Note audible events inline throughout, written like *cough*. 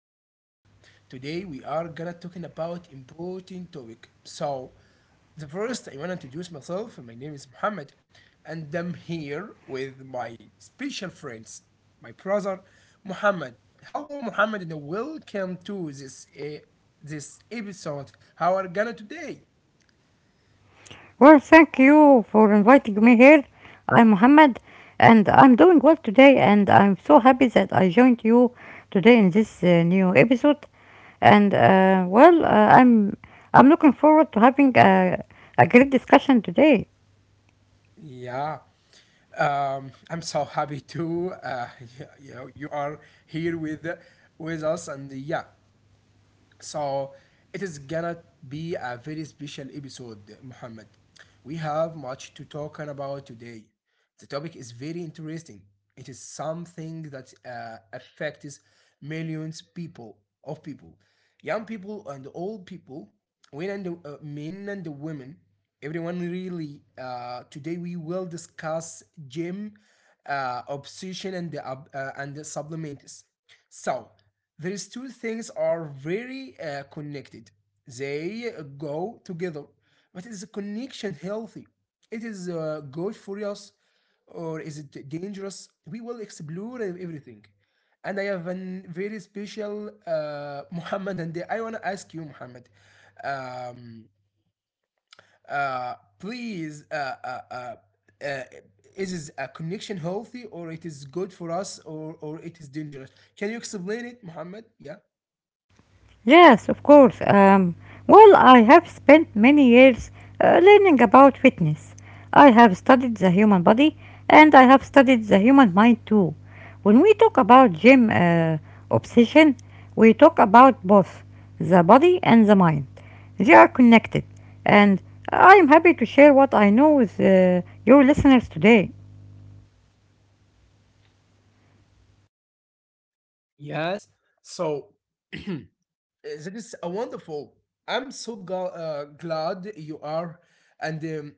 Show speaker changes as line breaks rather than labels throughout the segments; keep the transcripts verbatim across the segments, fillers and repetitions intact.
episode. Today we are gonna talking about important topic. So the first I wanna introduce myself. My name is Muhammad, and I'm here with my special friends, my brother Muhammad. Hello Muhammad and welcome to this uh, this episode. How are gonna today?
Well, thank you for inviting me here. I'm Mohammed, and I'm doing well today, and I'm so happy that I joined you today in this uh, new episode. And uh, well, uh, I'm I'm looking forward to having a, a great discussion today.
Yeah, um, I'm so happy to uh, *laughs* you, you are here with with us, and yeah, So it is gonna be a very special episode, Muhammad. We have much to talk about today. The topic is very interesting. It is something that uh, affects millions people of people, young people and old people, women and uh, men and women, everyone really. Uh, today we will discuss gym uh, obsession and the, uh, and the supplements. So these two things are very uh, connected. They go together. But is the connection healthy? It is uh, good for us or is it dangerous? We will explore everything. And I have a very special uh, *laughs* Muhammad, and I want to ask you, Muhammad, um, uh, please, uh, uh, uh, uh, is a connection healthy or it is good for us or, or it is dangerous? Can you explain it, Muhammad? Yeah.
Yes, of course. Um, well, I have spent many years uh, learning about fitness. I have studied the human body and I have studied the human mind too. When we talk about gym uh, obsession, we talk about both the body and the mind. They are connected, and I am happy to share what I know with uh, your listeners today.
Yes. So *clears throat* that is a wonderful. I'm so gl- uh, glad you are, and um,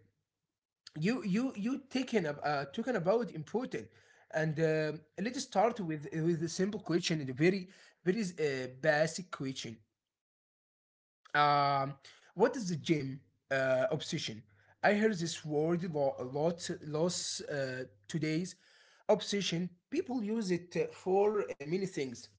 you you you taken ab- uh, talking about important. And uh, let's start with with a simple question, and a very very uh, basic question. Um, what is the gym uh, obsession? I hear this word a lot, a lot lots uh, today's obsession. People use it uh, for uh, many things.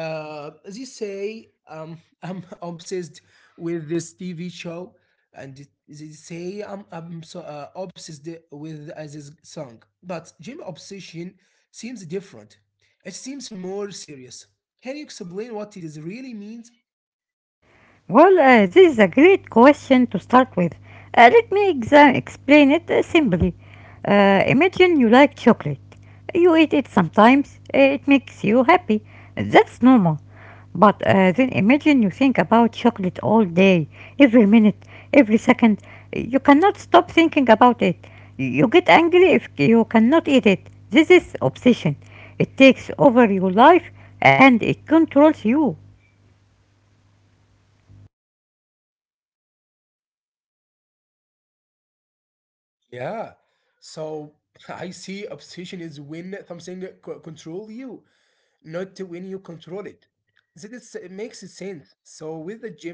uh, as you say, um, *laughs* I'm obsessed with this T V show, and it- they say I'm I'm so uh, obsessed with uh, this song. But Jim obsession seems different. It seems more serious. Can you explain what it is really means?
Well, uh, this is a great question to start with. Uh, let me exa- explain it uh, simply. Uh, imagine you like chocolate. You eat it sometimes, uh, it makes you happy. That's normal. But uh, then imagine you think about chocolate all day, every minute, every second. You cannot stop thinking about it. You get angry if you cannot eat it. This is obsession. It takes over your life and it controls you.
Yeah. So *laughs* I see obsession is when something c- control you, not when you control it. That is, it makes sense. So with the gym, it is j- again the same thing.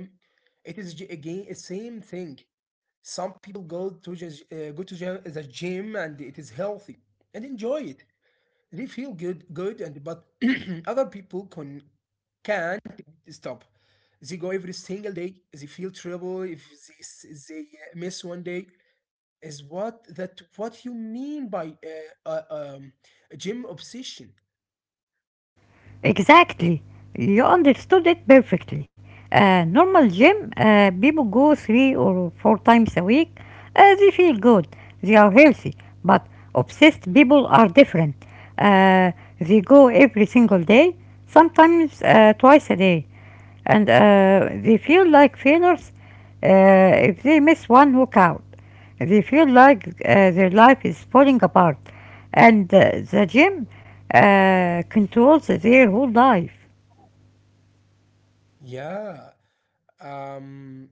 Some people go to just, uh, go to gy- the gym and it is healthy and enjoy it. They feel good, good, and but *clears throat* other people can can't stop. They go every single day. They feel trouble if they, s- they uh, miss one day. Is what that what you mean by uh, uh, um, gym obsession?
Exactly. You understood it perfectly. Uh, normal gym, uh, people go three or four times a week. Uh, they feel good. They are healthy. But obsessed people are different. Uh, they go every single day, sometimes uh, twice a day. And uh, they feel like failures uh, if they miss one workout. They feel like uh, their life is falling apart, and uh, the gym uh, controls their whole life.
Yeah, um,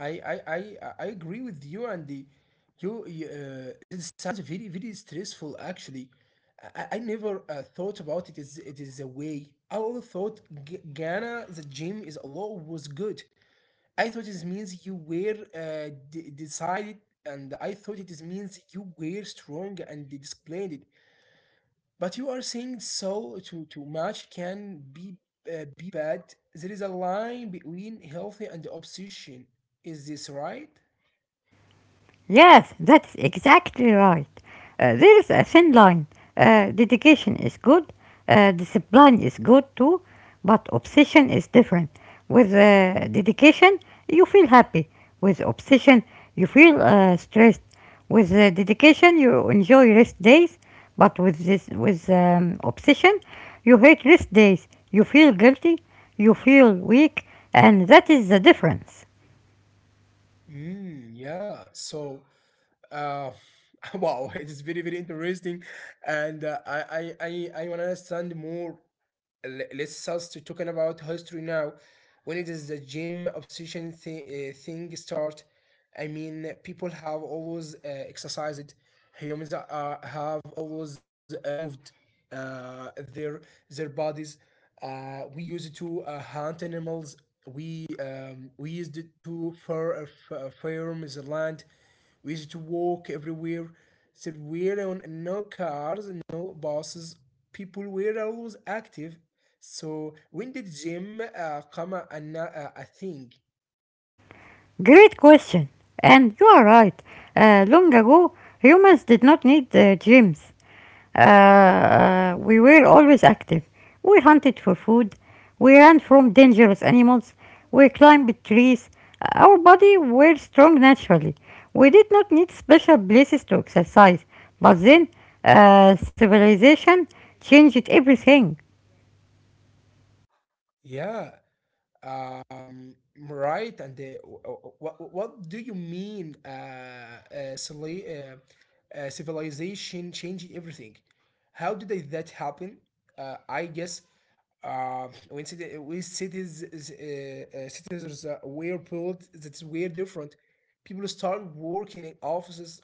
I I I I I agree with you, and the you, you uh, it sounds very very stressful actually. I, I I never uh, thought about it. Is it is a way? I always thought G- Ghana the gym is a lot was good. I thought it means you were uh, de- decided, and I thought it is means you were strong and disciplined. But you are saying so too too much can be uh, be bad. There is a line between healthy and obsession. Is this right?
Yes, that's exactly right. Uh, there is a thin line. Uh, dedication is good, uh, discipline is good too, but obsession is different. With uh, dedication, you feel happy. With obsession, you feel uh, stressed. With uh, dedication, you enjoy rest days, but with this, with um, obsession, you hate rest days. You feel guilty, you feel weak, and that is the difference.
Mm, yeah. So, uh, *laughs* wow, it is very very interesting, and uh, I I I I wanna understand more. Let's start talking about history now. When it is the gym obsession thi- uh, thing start, I mean people have always uh, exercised. Humans uh, have always uh, moved uh, their their bodies. Uh, we use it to uh, hunt animals. We um, we used it to fur, uh, f- uh, farm the land. We used it to walk everywhere. So we're on no cars, no buses. People were always active, so when did gym uh, come a, an- uh, a thing?
Great question. And you are right. Uh, long ago, humans did not need uh, gyms. Uh, uh, we were always active. We hunted for food. We ran from dangerous animals. We climbed trees. Our body were strong naturally. We did not need special places to exercise. But then, uh, civilization changed everything.
Yeah, um, right. And uh, what what do you mean? Uh, uh, civili- uh, uh, Civilization changing everything. How did they- that happen? Uh, I guess uh, when city, when cities is, uh, uh, citizens uh, were built, that's were different. People start working in offices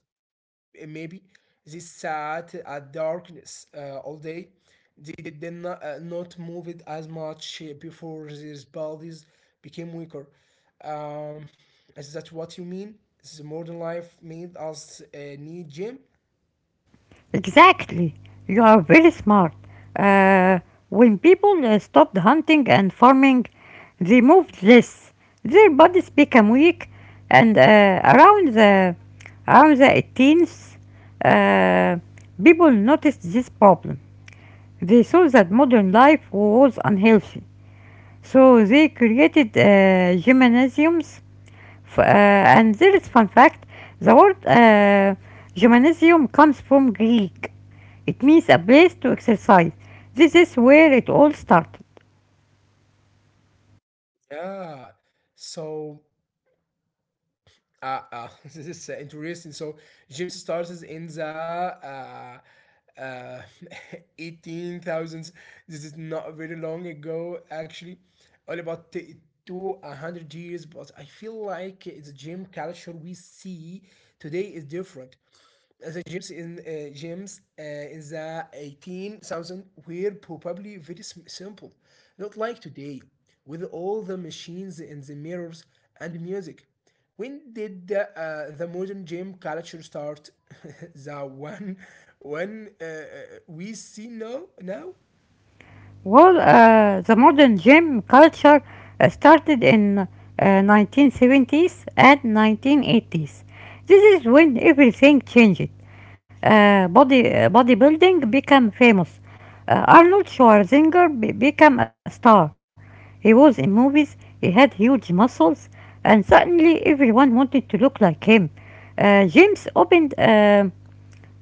uh, maybe they sat at darkness uh, all day. They did not, uh, not move it as much uh, before these bodies became weaker. Um, is that what you mean? The modern life made us uh, need gym?
Exactly. You are very smart. Uh, when people uh, stopped hunting and farming, they moved less. Their bodies became weak, and uh, around the around the eighteenth, uh, people noticed this problem. They saw that modern life was unhealthy. So they created uh, gymnasiums. F- uh, and there is fun fact: the word uh, gymnasium comes from Greek. It means a place to exercise. This is where it all started.
Yeah. So uh, uh, *laughs* this is uh, interesting. So James starts in the uh, uh, *laughs* eighteen thousands. This is not very long ago, actually, only about t- to one hundred years. But I feel like the gym culture we see today is different. The gyms in uh, gyms uh, in the eighteen thousand were probably very sim- simple, not like today, with all the machines and the mirrors and music. When did the, uh, the modern gym culture start? *laughs* the one, one uh, uh, we see now, now?
Well, uh, the modern gym culture uh, started in uh, nineteen seventies and nineteen eighties. This is when everything changed. Uh, body uh, bodybuilding became famous. Uh, Arnold Schwarzenegger be- became a star. He was in movies. He had huge muscles, and suddenly everyone wanted to look like him. Uh, gyms opened um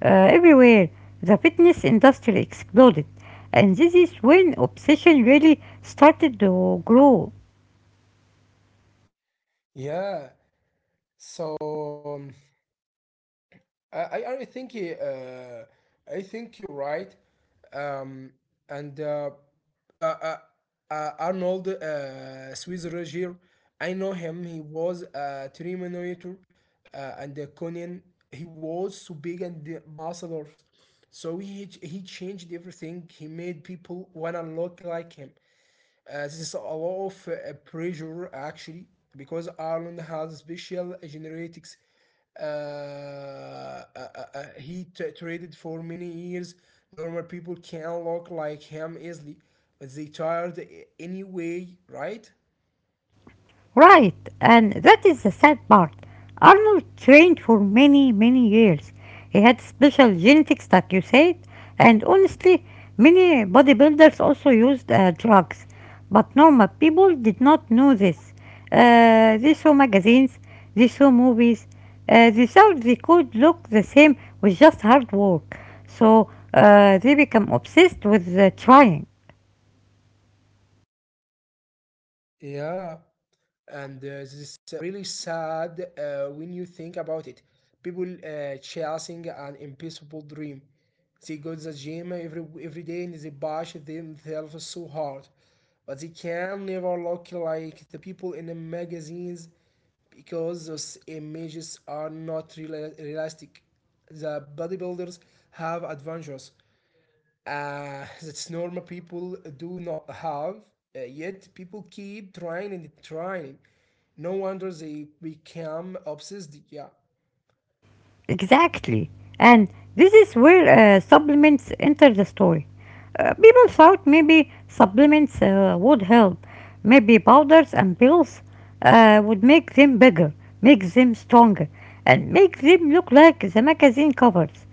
uh, everywhere. The fitness industry exploded, and this is when obsession really started to grow.
Yeah. So. um, I, I I think uh, I think you're right, um, and uh, uh, uh, uh, Arnold uh, Schwarzenegger, I know him. He was a Terminator, uh, and uh, Conan. He was so big and the muscular, so he he changed everything. He made people wanna look like him. Uh, this is a lot of uh, pressure actually because Ireland has special genetics. Uh, uh, uh, uh, he t- traded for many years. Normal people can look like him easily, but they tired anyway, right?
Right, and that is the sad part. Arnold trained for many, many years. He had special genetics, like you said, and honestly, many bodybuilders also used uh, drugs. But normal people did not know this. Uh, they saw magazines, they saw movies, uh, they thought they could look the same with just hard work. So uh, they become obsessed with uh, trying.
Yeah. And uh, this is really sad uh, when you think about it, people uh, chasing an impossible dream, they go to the gym every every day and they push themselves so hard, but they can never look like the people in the magazines because those images are not real realistic. The bodybuilders have adventures uh, that's normal people do not have. Uh, yet people keep trying and trying, no wonder they become obsessed. Yeah.
Exactly. And this is where uh, supplements enter the story. Uh, people thought maybe supplements uh, would help. Maybe powders and pills uh, would make them bigger, make them stronger, and make them look like the magazine covers.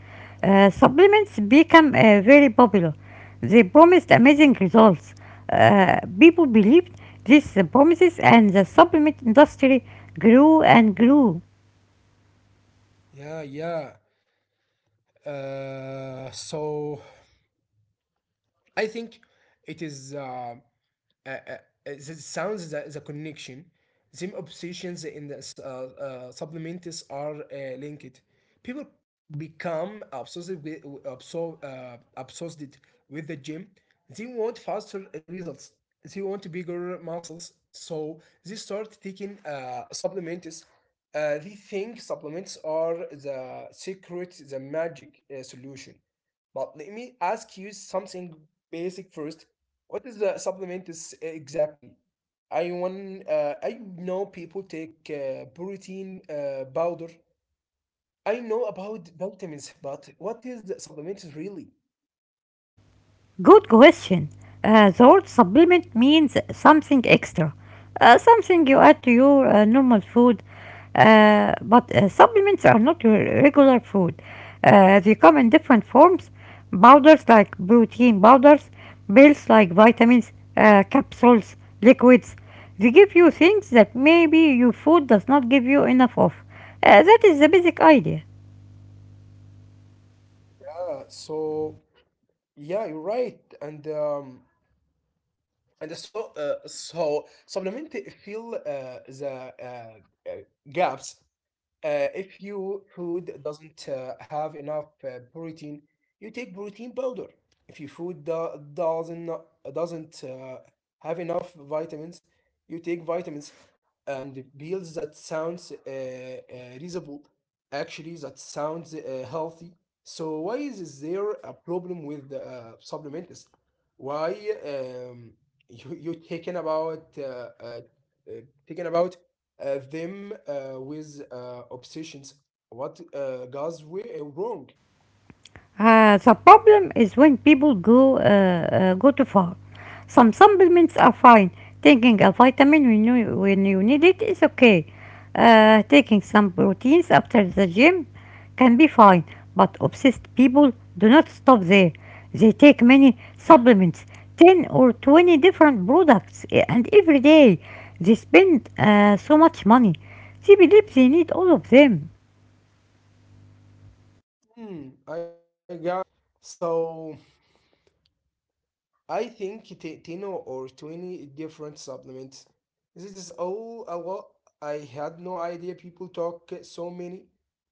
Uh, supplements became uh, very popular. They promised amazing results. Uh, people believed these promises, and the supplement industry grew and grew.
yeah yeah uh, so I think it is uh, uh, uh, it sounds is a, is a connection. Them obsessions in the uh, uh, supplements are uh, linked. People become obsessed with, absor- uh, obsessed with the gym. They want faster results. They want bigger muscles. So they start taking uh, supplements. Uh, they think supplements are the secret, the magic uh, solution. But let me ask you something basic first. What is the supplement is eh, exactly? I want. Uh, I know people take uh, protein uh, powder. I know about vitamins, but what is the supplement really?
Good question. Uh, the word supplement means something extra, uh, something you add to your uh, normal food. Uh, but uh, supplements are not your regular food. Uh, they come in different forms: powders like protein powders, pills like vitamins, uh, capsules, liquids. They give you things that maybe your food does not give you enough of. Uh, that is the basic idea.
Yeah. So yeah, you're right, and um, and so uh, so supplement fill uh, the uh, uh, gaps. Uh, if your food doesn't uh, have enough uh, protein, you take protein powder. If your food do- doesn't doesn't uh, have enough vitamins, you take vitamins. And the pills that sounds uh, uh, reasonable, actually that sounds uh, healthy. So why is there a problem with the uh, supplements? Why um, you you taking about uh, uh, uh, taking about uh, them uh, with uh, obsessions. What uh, goes we- uh, wrong?
Uh, the problem is when people go uh, uh, go too far. Some supplements are fine. Taking a vitamin when you, when you need it is okay. Uh, taking some proteins after the gym can be fine, but obsessed people do not stop there. They take many supplements, ten or twenty different products, eh, and every day they spend uh, so much money. They believe they need all of them.
Hmm, I got it. So I think t- ten or twenty different supplements. This is all a lot. I had no idea people talk so many.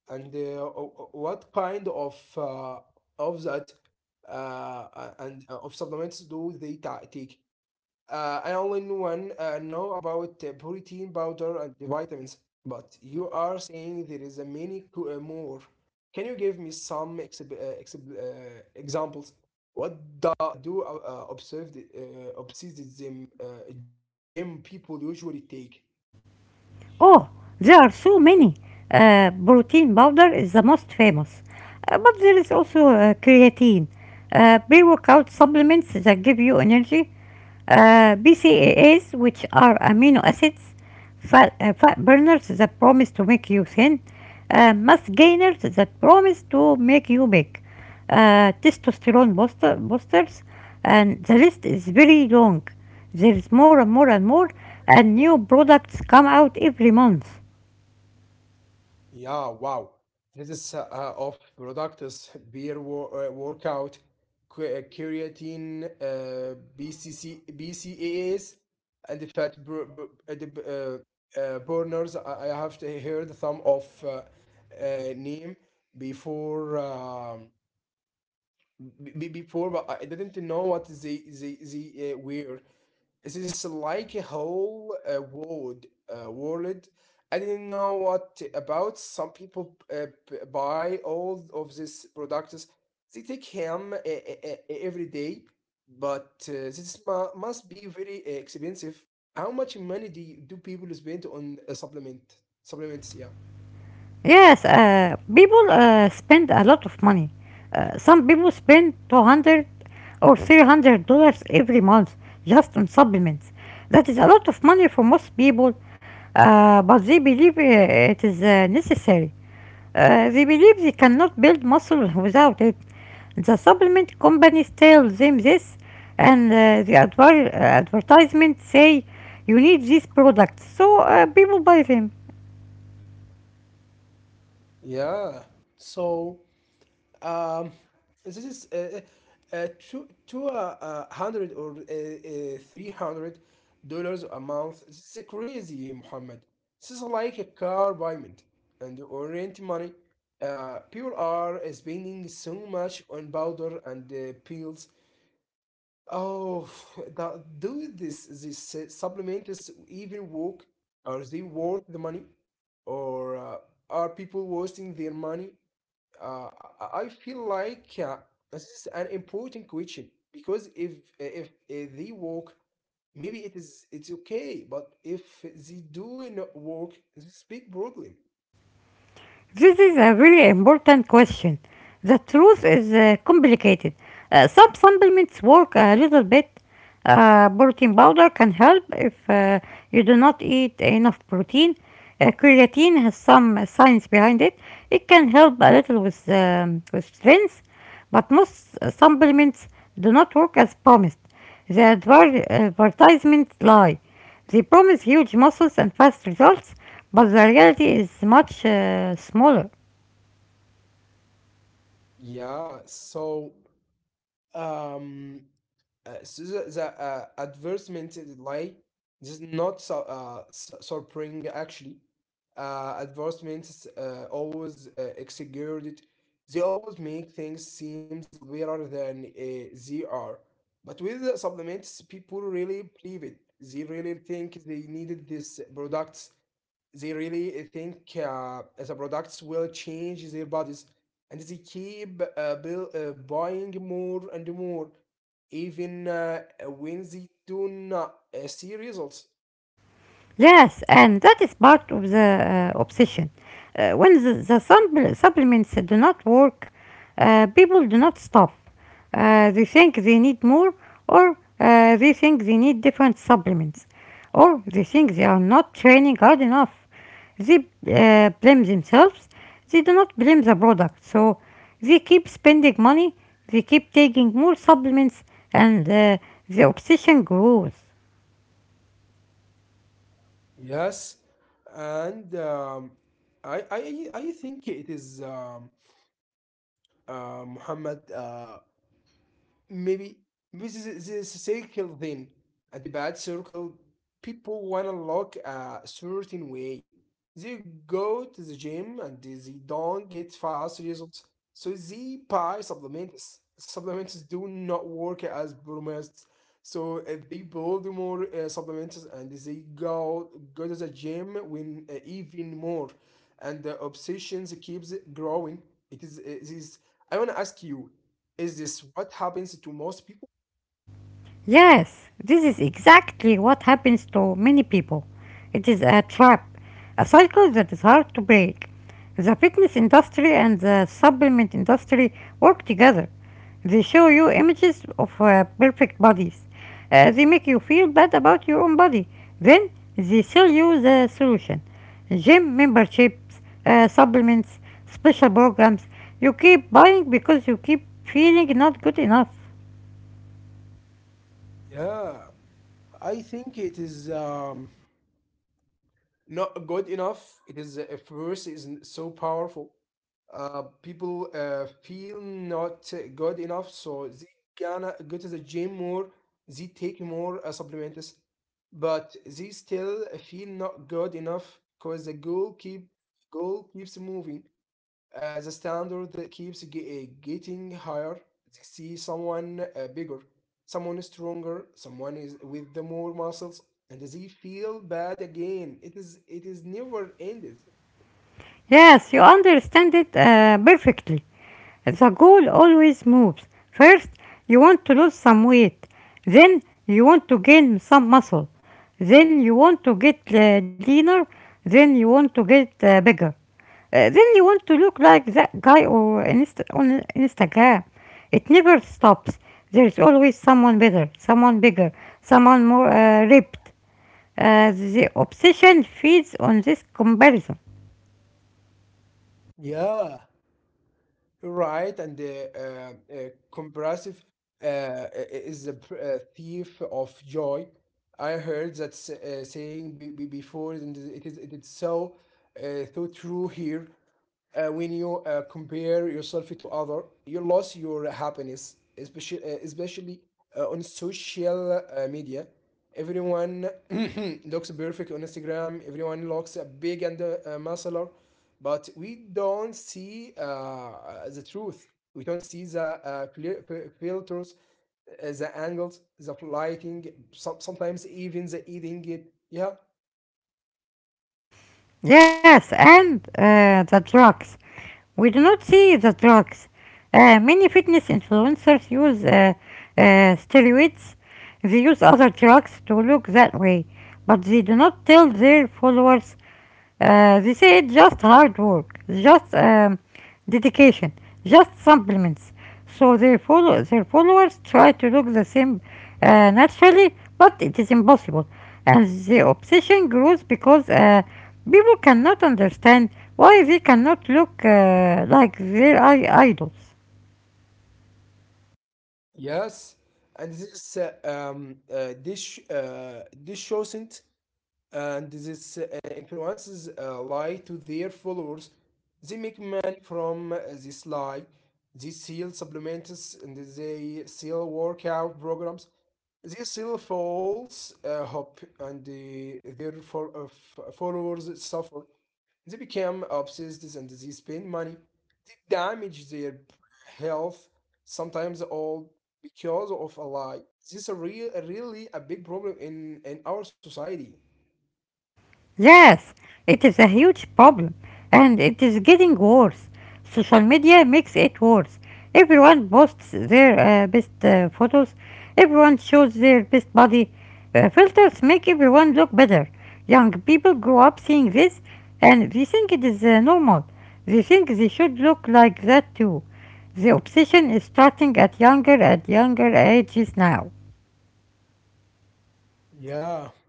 And uh, o- o- what kind of uh, of that uh, a- and uh, of supplements do they ta- take? Uh, I only knew one uh, know about uh, protein powder and the vitamins, but you are saying there is a many co- uh, more. Can you give me some exib- uh, exib- uh, examples? What do, do uh, uh, observed uh, obsessivism uh, gym people usually take?
Oh, there are so many. Uh, protein powder is the most famous. Uh, but there is also uh, creatine, uh, pre-workout supplements that give you energy, uh, B C A As, which are amino acids, fat, uh, fat burners that promise to make you thin, uh, mass gainers that promise to make you big, uh, testosterone booster, boosters, and the list is very long. There's more and more and more, and new products come out every month.
Yeah, wow. This is uh, uh, of products, *laughs* beer wor- uh, workout, que- uh, creatine, uh, B C C, B C A As, and the fat bur- bur- uh, the, b- uh, uh, burners. I I have to heard some of uh, uh, name before. Um, Be before, but I didn't know what they they they uh, were. This is like a whole uh, world, uh, world. I didn't know what about. Some people uh, p- buy all of these products. They take him uh, uh, uh, every day, but uh, this mu- must be very uh, expensive. How much money do you, do people spend on a supplement? Supplements, yeah,
Yes, uh, people uh, spend a lot of money. Uh, some people spend two hundred or three hundred dollars every month just on supplements. That is a lot of money for most people, uh, but they believe uh, it is uh, necessary. Uh, they believe they cannot build muscle without it. The supplement companies tell them this, and uh, the adver- uh, advertisements say you need these products, so uh, people buy them.
yeah. So. Um, this is uh, uh, uh, two two uh, uh, hundred or uh, uh, three hundred dollars a month. This is crazy, Muhammad. This is like a car payment and or rent money. Uh, people are spending so much on powder and uh, pills. Oh, *sighs* that, do this this uh, supplements even work? Are they worth the money, or uh, are people wasting their money? uh, I I feel like uh, this is an important question because if if, if they walk, maybe it is it's okay, but if they do not walk, it's a big problem.
This is a really important question. The truth is uh, complicated. Uh, some supplements work a little bit. Uh, protein powder can help if uh, you do not eat enough protein. Uh, creatine has some uh, science behind it. It can help a little with, um, with strength, but most uh, supplements do not work as promised. The adver- advertisements lie. They promise huge muscles and fast results, but the reality is much uh, smaller.
Yeah, so um, Uh, so the, the uh, advertisement lie does not su- uh, su- surprising actually. Uh, advertisements uh, always uh, exaggerated. They always make things seem better than uh, they are. But with the supplements, people really believe it. They really think they needed this products. They really think uh, the products will change their bodies, and they keep uh, bill, uh, buying more and more even uh, when they do not uh, see results.
Yes, and that is part of the uh, obsession. Uh, when the, the supp- supplements do not work, uh, people do not stop. Uh, they think they need more, or uh, they think they need different supplements, or they think they are not training hard enough. They uh, blame themselves, they do not blame the product, so they keep spending money, they keep taking more supplements, and uh, the obsession grows.
Yes, and um, I, I i think it is, um, uh, Muhammad, uh, maybe this is this circle thing, at the bad circle. People wanna look a certain way. They go to the gym, and they they don't get fast results, so they buy supplements. Supplements do not work as promised, so if they build more uh, supplements and they go go to the gym win uh, even more, and the obsessions keeps growing. It is it is I want to ask you, is this what happens to most people?
Yes, this is exactly what happens to many people. It is a trap, a cycle that is hard to break. The fitness industry and the supplement industry work together. They show you images of uh, perfect bodies. Uh, they make you feel bad about your own body. Then they sell you the solution. Gym memberships, uh, supplements, special programs. You keep buying because you keep feeling not good enough.
Yeah, I think it is, um, not good enough. It is a force is n- so powerful. Uh, people uh, feel not uh, good enough, so they gonna go to the gym more. They take more uh, supplements, but they still feel not good enough because the goal keep goal keeps moving. Uh, the standard that keeps ge- uh, getting higher. See someone uh, bigger, someone stronger, someone is with the more muscles, and they feel bad again. It is it is never ended.
Yes, you understand it uh, perfectly. The goal always moves. First, you want to lose some weight. Then, you want to gain some muscle. Then, you want to get uh, leaner. Then, you want to get uh, bigger. Uh, then, you want to look like that guy or inst- on Instagram. It never stops. There's always someone better, someone bigger, someone more uh, ripped. Uh, the obsession feeds on this comparison.
Yeah. Right, and the uh, uh, comparative uh, i- i- is the pr- uh, thief of joy. I heard that s- uh, saying be- be- before, and it is it is so uh, so true here. Uh, when you uh, compare yourself to other, you lose your happiness, especially uh, especially uh, on social uh, media. Everyone *clears throat* looks perfect on Instagram. Everyone looks uh, big and uh, uh, muscular, but we don't see uh, the truth. We don't see the uh, filters, uh, the angles, the lighting, some, sometimes even the eating it. Yeah.
Yes, and uh, the drugs. We do not see the drugs. Uh, many fitness influencers use uh, uh, steroids. They use other drugs to look that way, but they do not tell their followers. Uh, they say it's just hard work, just um, dedication, just supplements. So their, follow- their followers try to look the same uh, naturally, but it is impossible. And the obsession grows because uh, people cannot understand why they cannot look uh, like their idols.
Yes. And this uh, um, uh, dish, uh, dish shows it, and this uh, influences uh, lie to their followers. They make money from uh, this lie. They sell supplements and they sell workout programs. They sell false uh, hope, and uh, their fol- uh, f- followers suffer. They become obsessed and they spend money. They damage their health, sometimes all because of a lie. This is a real, really a big problem in in our society.
Yes, it is a huge problem and it is getting worse. Social media makes it worse. Everyone posts their uh, best uh, photos, everyone shows their best body. Uh, filters make everyone look better. Young people grow up seeing this and they think it is uh, normal. They think they should look like that too. The obsession is starting at younger and younger ages now.
Yeah.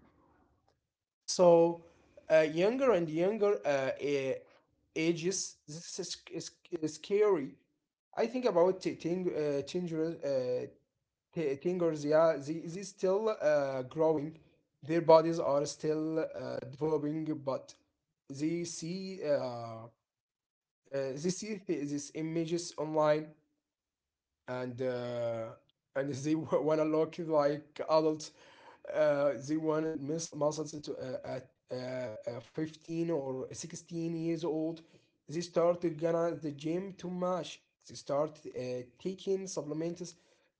So, uh, younger and younger uh, a- ages, this is, is, is scary. I think about t- ting- uh, tingers, uh, t- tingers, yeah, they, they still uh, growing. Their bodies are still uh, developing, but they see uh, uh, they see th- these images online, and uh, and they *laughs* w- wanna look like adults. Uh, they wanted mus- muscles to uh, at uh, uh, fifteen or sixteen years old. They started gonna the gym too much. They start uh, taking supplements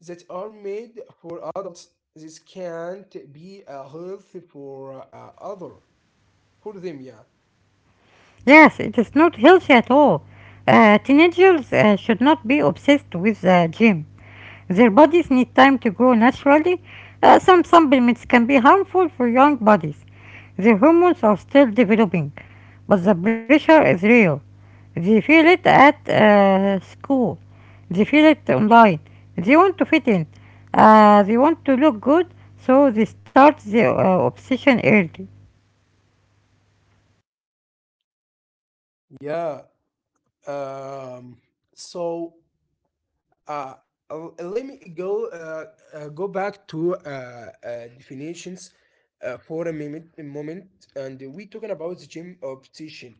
that are made for adults. This can't be uh, healthy for uh, other for them. Yeah,
Yes, it is not healthy at all. Uh, teenagers uh, should not be obsessed with the gym. Their bodies need time to grow naturally. Uh, some supplements can be harmful for young bodies. Their hormones are still developing, but the pressure is real. They feel it at uh, school. They feel it online. They want to fit in. Uh, they want to look good, so they start their uh, obsession early.
yeah. Um, so uh, uh, Let me go uh, uh, go back to uh, uh, definitions uh, for a moment, a moment and we talking about the gym obsession.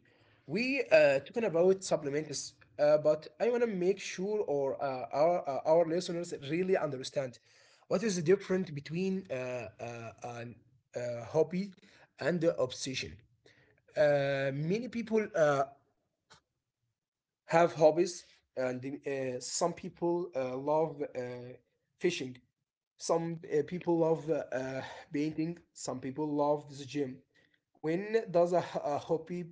We uh, Talking about supplements, uh, but I want to make sure or uh, our uh, our listeners really understand what is the difference between uh, uh, an, uh, hobby and the obsession. Uh, many people uh, have hobbies, and uh, some people uh, love uh, fishing, some uh, people love uh, uh, painting, some people love the gym. When does a a hobby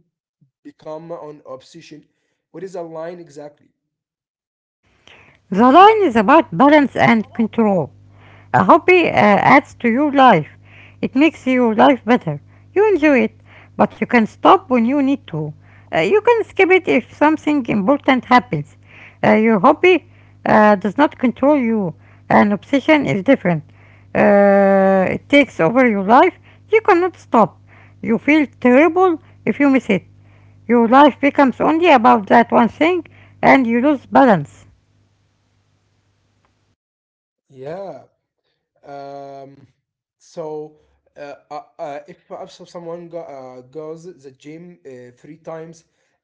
become an obsession? What is a line exactly?
The line is about balance and control. A hobby uh, adds to your life. It makes your life better. You enjoy it, but you can stop when you need to. Uh, you can skip it if something important happens. Uh, your hobby uh, does not control you. An obsession is different. Uh, it takes over your life. You cannot stop. You feel terrible if you miss it. Your life becomes only about that one thing and you lose balance.
Yeah. Um so uh, uh, uh, if perhaps if someone go, uh, goes the gym uh, three times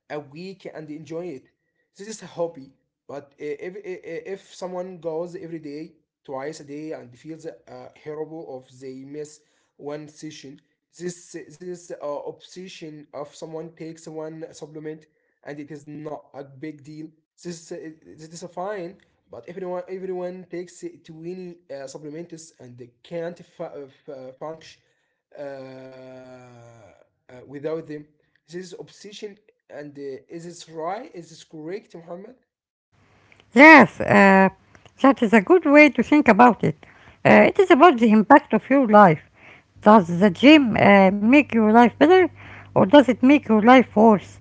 a week and enjoy it. This is a hobby, but I- if I- I- if someone goes every day, twice a day, and feels uh, horrible of they miss one session, this this is uh, obsession of someone takes one supplement and it is not a big deal. This is uh, this is fine, but everyone everyone takes uh, twenty uh, supplements and they can't fu- uh, fu- function uh, uh, without them. This obsession, and uh, is this right? Is this correct, Muhammad?
Yes, uh, that is a good way to think about it. Uh, it is about the impact of your life. Does the gym uh, make your life better or does it make your life worse?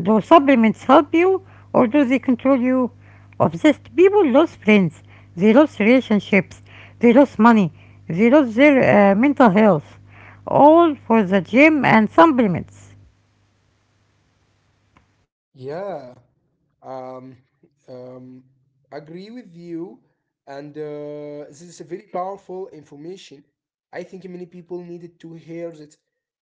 Do supplements help you or do they control you? Obsessed people lose friends, they lose relationships, they lose money, they lose their uh, mental health. All for the gym and supplements.
Yeah. Um, um, Agree with you, and uh, this is a very powerful information. I think many people needed to hear that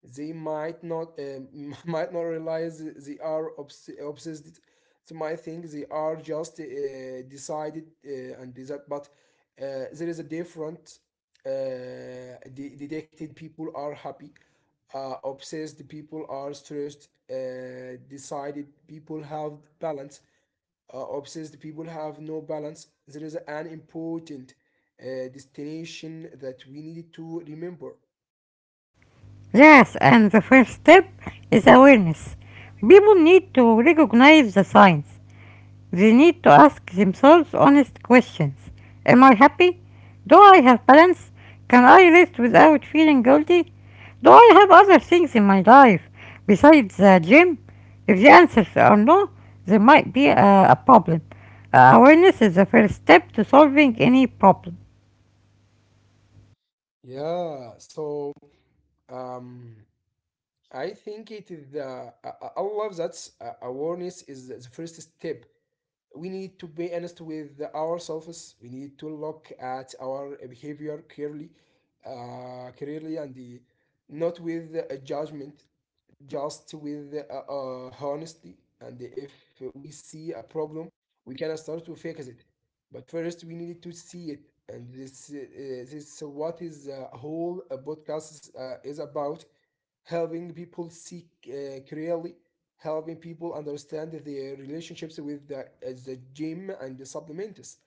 they might not, um, *laughs* might not realize they are obs- obsessed. They might think they are just uh, decided uh, and did that, but uh, there is a different. Uh, de- detected people are happy. Uh, obsessed people are stressed. Uh, decided people have balance. Uh, obsessed people have no balance. There is an important uh, destination that we need to remember.
Yes, and the first step is awareness. People need to recognize the signs. They need to ask themselves honest questions. Am I happy? Do I have balance? Can I rest without feeling guilty? Do I have other things in my life besides the gym? If the answers are no, there might be a, a problem. Uh, awareness is the first step to solving any problem.
Yeah. So um, I think it is the I, I I love that uh, awareness is the first step. We need to be honest with ourselves. We need to look at our behavior clearly, uh, clearly, and the, not with a judgment, just with uh, uh, honesty. And if we see a problem, we can start to fix it. But first, we need to see it, and this uh, uh, this is what is uh, whole uh, podcast uh, is about, helping people seek uh, clearly, helping people understand their relationships with the, as the gym and the supplements.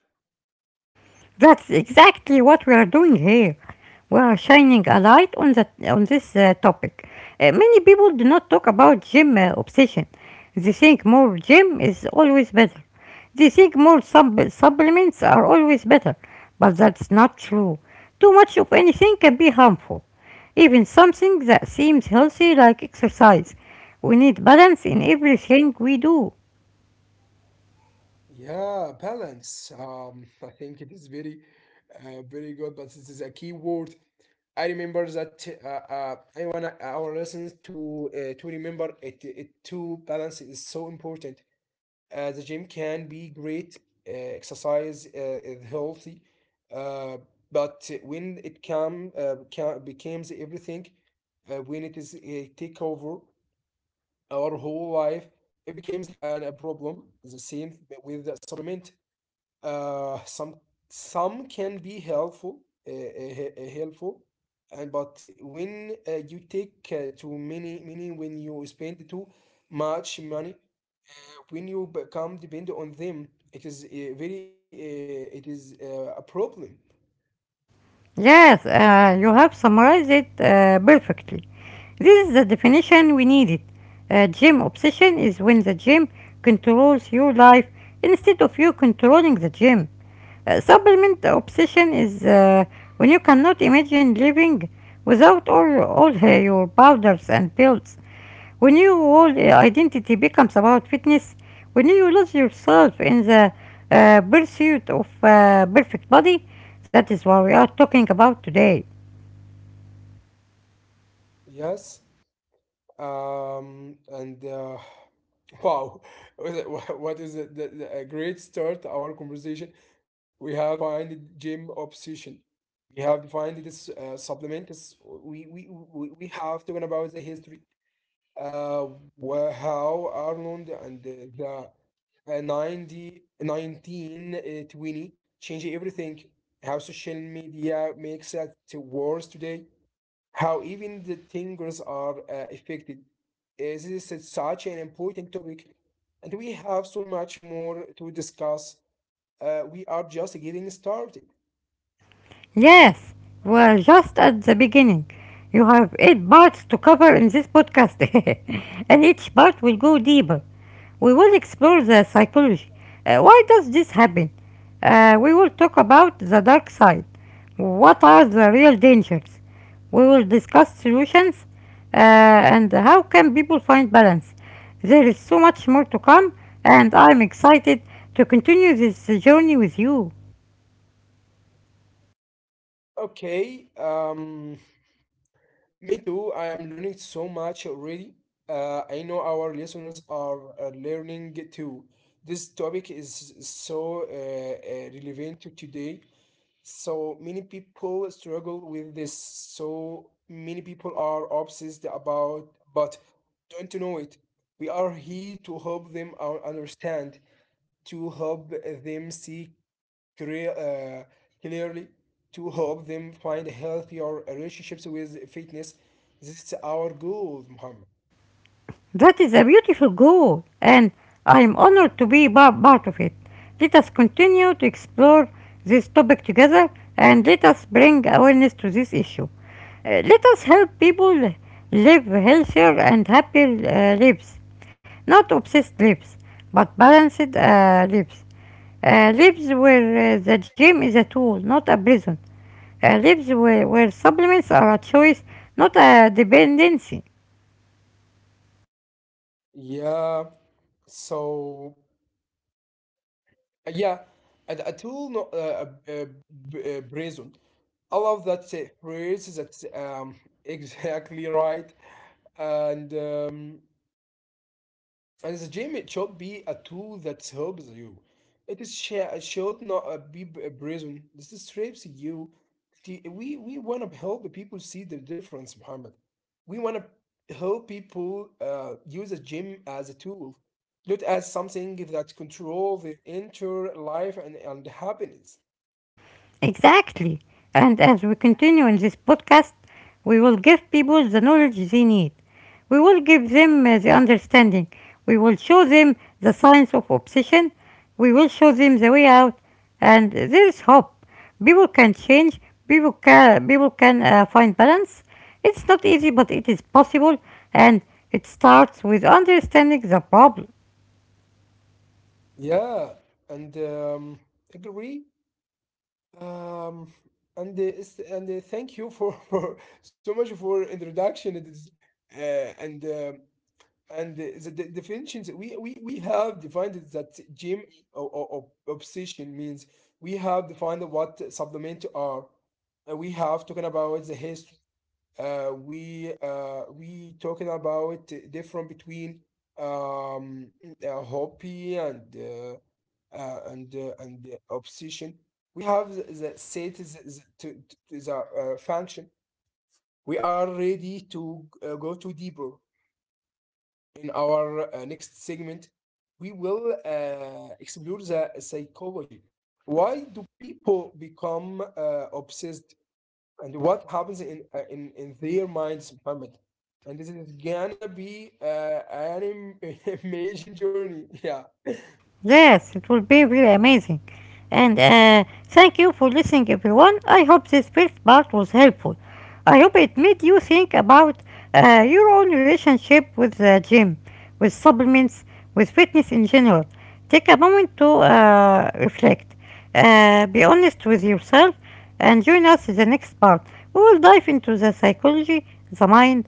That's exactly what we are doing here. We are shining a light on that on this uh, topic. Uh, many people do not talk about gym uh, obsession. They think more gym is always better. They think more sub- supplements are always better, but that's not true. Too much of anything can be harmful. Even something that seems healthy like exercise. We need balance in everything we do.
Yeah, balance. Um, I think it is very, uh, very good, but this is a key word. I remember that, uh, uh, I want our listeners to uh, to remember it. It to balance is so important. Uh, the gym can be great. Uh, exercise uh, is healthy, uh, but when it come uh, ca- becomes everything, uh, when it is uh, take over our whole life, it becomes an, a problem. The same with the supplement. Uh, some some can be helpful, uh, uh, he- uh, helpful, and but when uh, you take uh, too many, many, when you spend too much money, when you become dependent on them, it is a very, uh, uh, it is uh, a problem.
Yes, uh, you have summarized it uh, perfectly. This is the definition we needed. Uh, gym obsession is when the gym controls your life instead of you controlling the gym. Uh, supplement obsession is uh, when you cannot imagine living without all, all uh, your powders and pills. When your whole uh, identity becomes about fitness, when you lose yourself in the uh, pursuit of uh, perfect body, that is what we are talking about today.
Yes. um and uh, *laughs* Wow. *laughs* What is it- wha- what is it, the, the- a great start to our conversation. We have defined gym obsession. We have defined this uh, supplements. We, we we we have talking about the history. Uh, wh- how Arnold and the the, uh, ninety, nineteen twenty changed everything. How social media makes it worse today. How even the tingles are uh, affected. Uh, This is such an important topic, and we have so much more to discuss. Uh, we are just getting started.
Yes, we're just at the beginning. You have eight parts to cover in this podcast, *laughs* and each part will go deeper. We will explore the psychology. Uh, why does this happen? Uh, we will talk about the dark side. What are the real dangers? We will discuss solutions uh, and how can people find balance. There is so much more to come, and I'm excited to continue this journey with you.
Okay. Um. Me too. I am learning so much already. Uh, I know our listeners are uh, learning too. This topic is so uh, uh, relevant to today. So many people struggle with this. So many people are obsessed about, but don't know it. We are here to help them uh, understand, to help them seek clear, uh, clearly, to help them find healthier relationships with fitness. This is our goal, Muhammad.
That is a beautiful goal, and I am honored to be pa- part of it. Let us continue to explore this topic together and let us bring awareness to this issue. Uh, let us help people live healthier and happier uh, lives, not obsessed lives, but balanced uh, lives. Uh, lives where uh, the gym is a tool, not a prison. Uh, lives where, where supplements are a choice, not a dependency.
Yeah. So uh, yeah, and A tool, no, uh, uh, uh, b- uh, prison. I love that uh, phrase. That's, um, *laughs* exactly right. And um, And The gym, it should be a tool that helps you. It is sh- should not uh, be b- a prison. This strips you. The- We we want to help the people see the difference, Muhammad. We want to help people uh, use a gym as a tool, not as something that control their inner life and, and happiness.
Exactly. And as we continue in this podcast, we will give people the knowledge they need. We will give them uh, the understanding. We will show them the science of obsession. We will show them the way out. And there is hope. People can change. People can, people can uh, find balance. It's not easy, but it is possible. And it starts with understanding the problem.
Yeah. and um, Agree. Um, and uh, s- and uh, Thank you for, *laughs* for so much for introduction. It is, uh, and um and the, the de- definitions we, we we have defined it that gym, or, or, or obsession means. We have defined what supplement are. Uh, we have talking about the history. Uh, we uh, we talking about different between um, uh, hobby and uh, uh, and uh, and uh, obsession. We have the, the set is- is to, to the uh, function. We are ready to uh, go to deeper in our uh, next segment. We will uh, explore the psychology. Why do people become uh, obsessed? And what happens in uh, in in their minds, Muhammad? And this is gonna be uh, an im- *laughs* amazing journey. Yeah.
Yes, it will be really amazing. And uh, thank you for listening, everyone. I hope this first part was helpful. I hope it made you think about uh, your own relationship with the gym, with supplements, with fitness in general. Take a moment to uh, reflect, uh, be honest with yourself, and join us in the next part. We will dive into the psychology, the mind,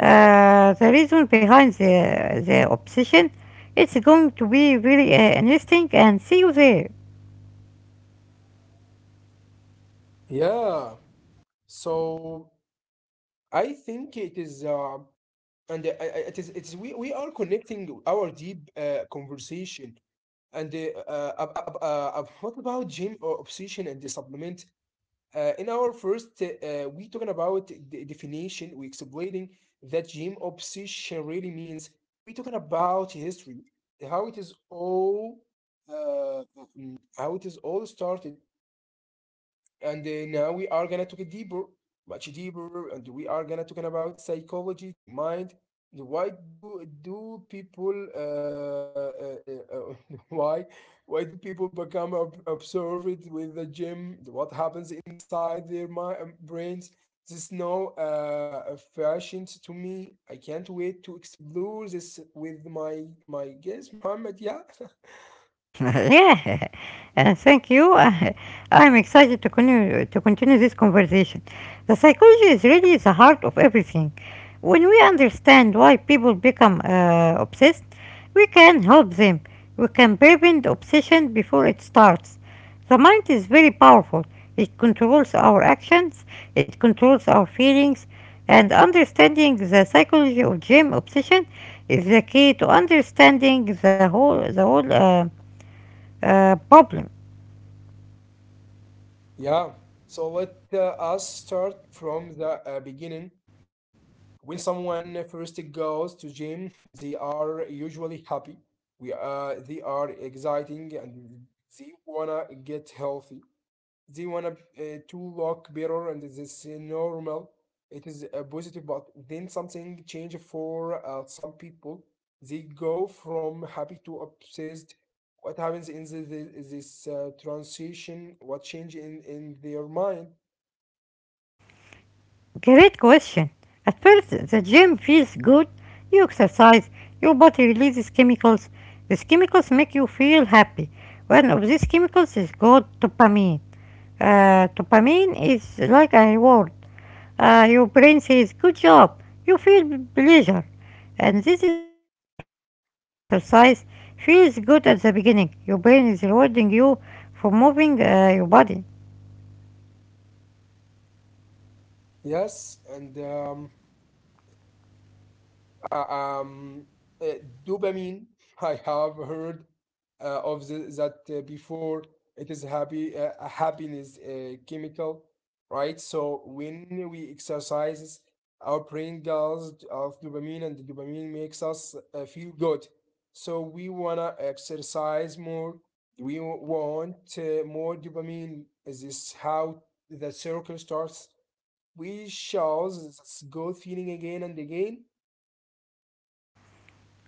uh, the reason behind the, the obsession. It's going to be really uh, interesting, and see you there.
Yeah. So I think it is, uh, and uh, I, I- it is it's we, we are connecting our deep uh, conversation, and uh, uh, ab- ab- ab- uh, ab- what about gym or obsession and the supplement. Uh, in our first, uh, uh, we talking about the definition. We explaining that gym obsession really means. We talking about history, how it is all, uh, mm, how it is all started, and uh, now we are gonna take it deeper, much deeper, and we are gonna talking about psychology to mind. The Why do do people uh, uh, uh, *laughs* why why do people become ob- observed with the gym? What happens inside their mind, brains? This now uh, fascinates to me. I can't wait to explore this with my my guest, Muhammad. Yeah. *laughs*
*laughs* Yeah, uh, thank you. *laughs* Uh, I'm excited to continue to continue this conversation. The psychology is really the heart of everything. When we understand why people become uh, obsessed, we can help them. We can prevent obsession before it starts. The mind is very powerful. It controls our actions, it controls our feelings, and understanding the psychology of gym obsession is the key to understanding the whole the whole uh, uh, problem.
Yeah, so let uh, us start from the uh, beginning. When someone first goes to gym, they are usually happy. We uh, They are exciting and they wanna get healthy. They wanna uh, to look better, and this is normal. It is uh, positive, but then something change for uh, some people. They go from happy to obsessed. What happens in the, the- this uh, transition? What change in in their mind?
Great question. At first, the gym feels good. You exercise, your body releases chemicals. These chemicals make you feel happy. One of these chemicals is called dopamine. Uh, dopamine is like a reward. Uh, your brain says, good job. You feel pleasure. And this is why exercise feels good at the beginning. Your brain is rewarding you for moving uh, your body.
Yes, and um, Uh, um, uh, dopamine. *laughs* I have heard uh, of the, that uh, before. It is happy uh, a happiness uh, chemical, right? So when we exercises, our brain does of dopamine, and the dopamine makes us uh, feel good. So we wanna exercise more. We w- want uh, more dopamine. Is this how the circle starts? We shall s- s- go feeling again and again.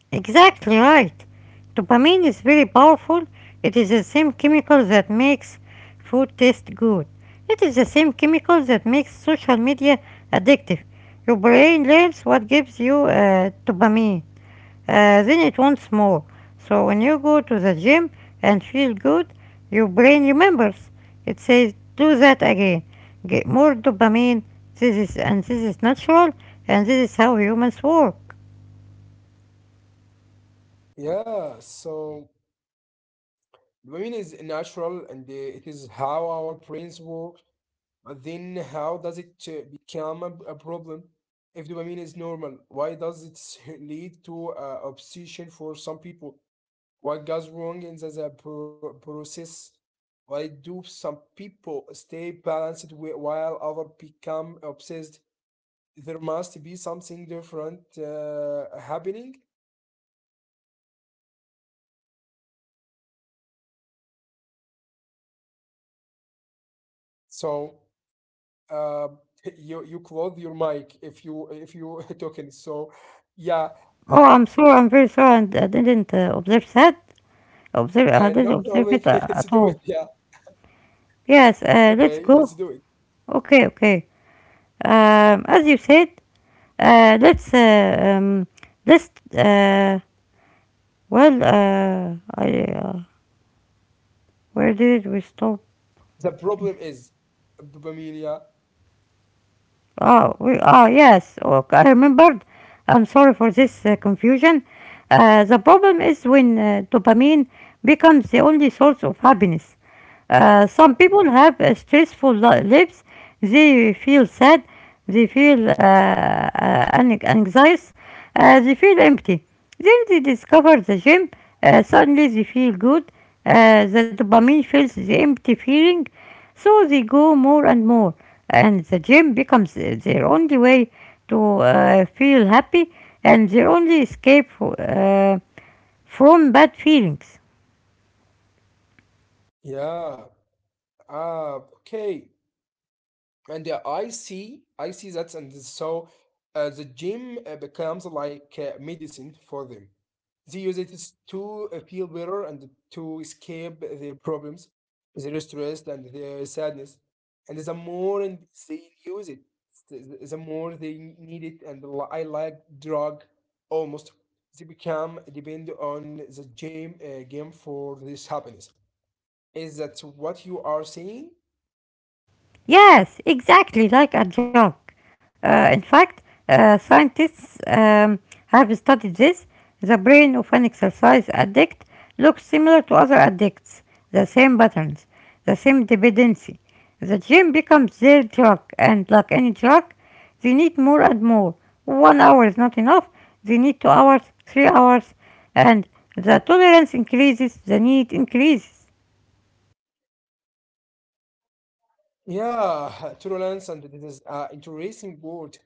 Exactly right. Dopamine is very powerful. It is the same chemical that makes food taste good. It is the same chemical that makes social media addictive. Your brain learns what gives you uh, dopamine. Uh, then it wants more. So when you go to the gym and feel good, your brain remembers. It says, do that again. Get more dopamine. This is, and this is natural, and this is how humans work.
Yeah, so dopamine is natural and uh, it is how our brains work. But then, how does it uh, become a, a problem? If dopamine is normal, why does it s- *laughs* lead to uh, obsession for some people? What goes wrong in the, the pro- process? Why do some people stay balanced whi- while others become obsessed? There must be something different uh, happening. So. uh, *laughs* you you close your mic if you if you *laughs* talking. So yeah,
Oh,
uh,
I'm sure. I'm very sure. I, I didn't uh, observe that.
uh, no
Observe. I didn't
problem. *laughs*
observe
Let's
it
do
uh,
it.
at
Yeah,
all. Yes. Uh,
okay,
let's
let's do
go.
it.
Okay. Okay. Um, as you said, uh, let's uh, um, let's uh, well. Uh, I uh, where did we stop?
The problem is dopamine. Yeah,
Oh, we, oh yes. Okay, I remembered. I'm sorry for this uh, confusion. Uh, the problem is when uh, dopamine becomes the only source of happiness. Uh,
yeah,
some people have uh, stressful li- lives. They feel sad. They feel uh, uh, an- anxious. Uh, they feel empty. Then they discover the gym. Uh, suddenly they feel good. Uh, the dopamine fills the empty feeling. So they go more and more, and the gym becomes their only way to uh, feel happy and their only escape uh, from bad feelings.
yeah. Ah, okay. And uh, I see, I see that, and so uh, the gym uh, becomes like uh, medicine for them. They use it s- to uh, feel better and to escape their problems, their stress and their sadness. And the more and they use it, the the more they need it. And li- I like drug almost. They become depend on the game, uh, game for this happiness. Is that what you are saying?
Yes, exactly like a joke. Uh, in fact, uh, scientists um, have studied this. The brain of an exercise addict looks similar to other addicts, the same patterns, the same dependency. The gym becomes their drug, and like any drug, they need more and more. One hour is not enough, they need two hours, three hours, and the tolerance increases, the need increases.
Yeah, *laughs* tolerance and this is an interesting word.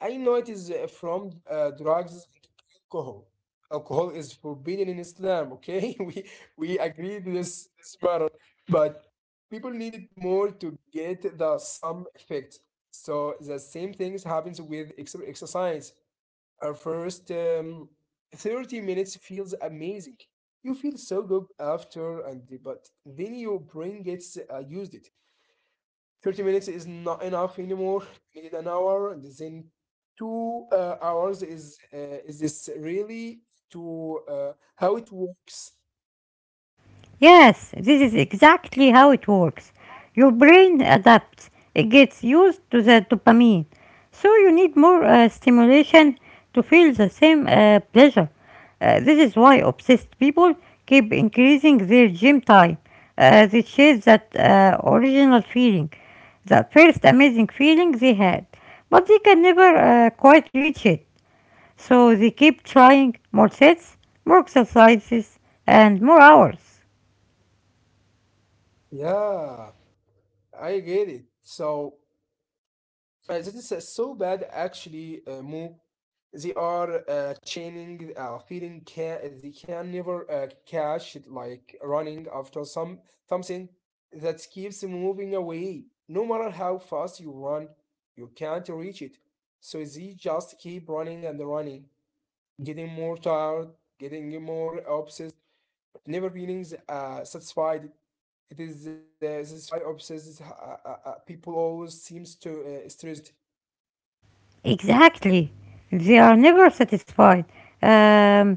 I know it is uh, from uh, drugs and alcohol. Alcohol is forbidden in Islam, okay? *laughs* We we agreed this this matter, but people needed more to get the sum effect. So the same things happens with ex exercise. Our first um, thirty minutes feels amazing. You feel so good after and but then you bring it, uh, used it. thirty minutes is not enough anymore. You needed an hour, and then two uh, hours is uh, is this really to uh, how it works?
Yes, this is exactly how it works. Your brain adapts, it gets used to the dopamine. So you need more uh, stimulation to feel the same uh, pleasure. Uh, this is why obsessed people keep increasing their gym time. Uh, they chase that uh, original feeling, the first amazing feeling they had, but they can never uh, quite reach it. So they keep trying more sets, more exercises, and more hours.
Yeah, I get it. So Uh, that is uh, so bad, actually, uh, Mo. They are uh, chaining, uh, feeling ca- they can never uh, catch it, like running after some something that keeps moving away. No matter how fast you run, you can't reach it. So they just keep running and running, getting more tired, getting more obsessed, never feeling uh, satisfied. It is uh, this is why obsessed uh, uh, uh, people always seems to uh, stressed.
Exactly. They are never satisfied. Um,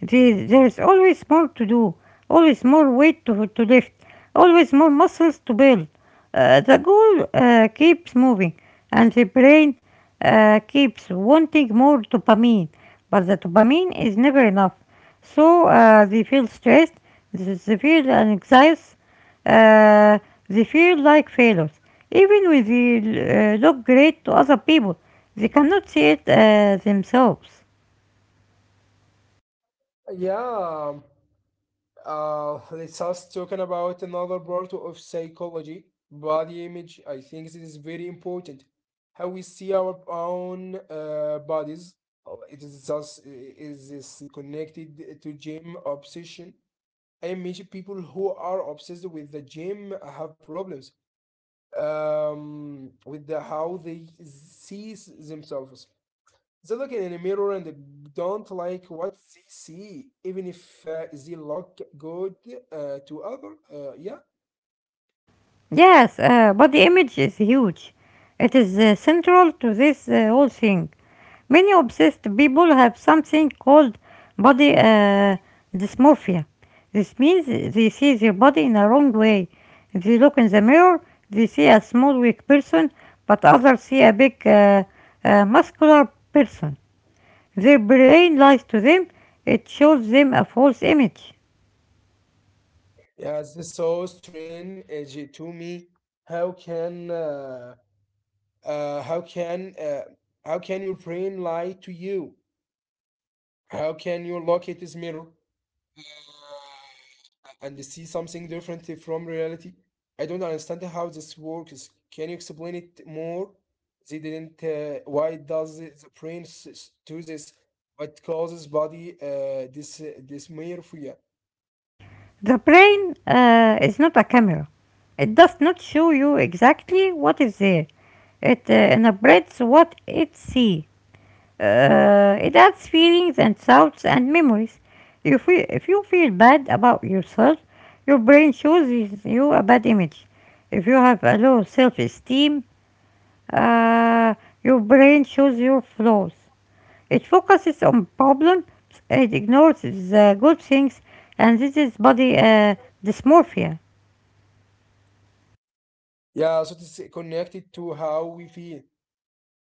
the- there is always more to do, always more weight to, to lift, always more muscles to build. Uh, the goal uh, keeps moving, and the brain uh, keeps wanting more dopamine, but the dopamine is never enough. So uh, they feel stressed, they they feel anxious, uh, they feel like failures, even when they uh, look great to other people. They cannot see it uh, themselves.
Yeah, uh, let's us talking about another part of psychology, body image. I think this is very important. How we see our own uh, bodies. Oh, it is just is this connected to gym obsession. I imagine people who are obsessed with the gym have problems um, with the, how they see themselves. They look in the mirror and don't like what they see, even if uh, they look good uh, to other. Uh, yeah,
Yes, uh, but the image is huge. It is uh, central to this uh, whole thing. Many obsessed people have something called body uh, dysmorphia. This means they see their body in a wrong way. They look in the mirror, they see a small, weak person, but others see a big, uh, uh, muscular person. Their brain lies to them, it shows them a false image.
yeah, this so strange uh, j- to me. How can uh, uh, how can uh, how can your brain lie to you? How can you look at this mirror and see something different from reality. I don't understand how this works. Can you explain it more? They didn't. Uh, why does the the brain s- s- do this? What causes body uh, this dysmorphia?
The brain uh, is not a camera, it does not show you exactly what is there, it uh, interprets what it sees. Uh, it adds feelings and sounds and memories. If You if you feel bad about yourself, your brain shows you a bad image. If you have a low self esteem, uh, your brain shows your flaws. It focuses on problems, it ignores the good things, and this is body uh, dysmorphia.
Yeah, so it's connected to how we feel,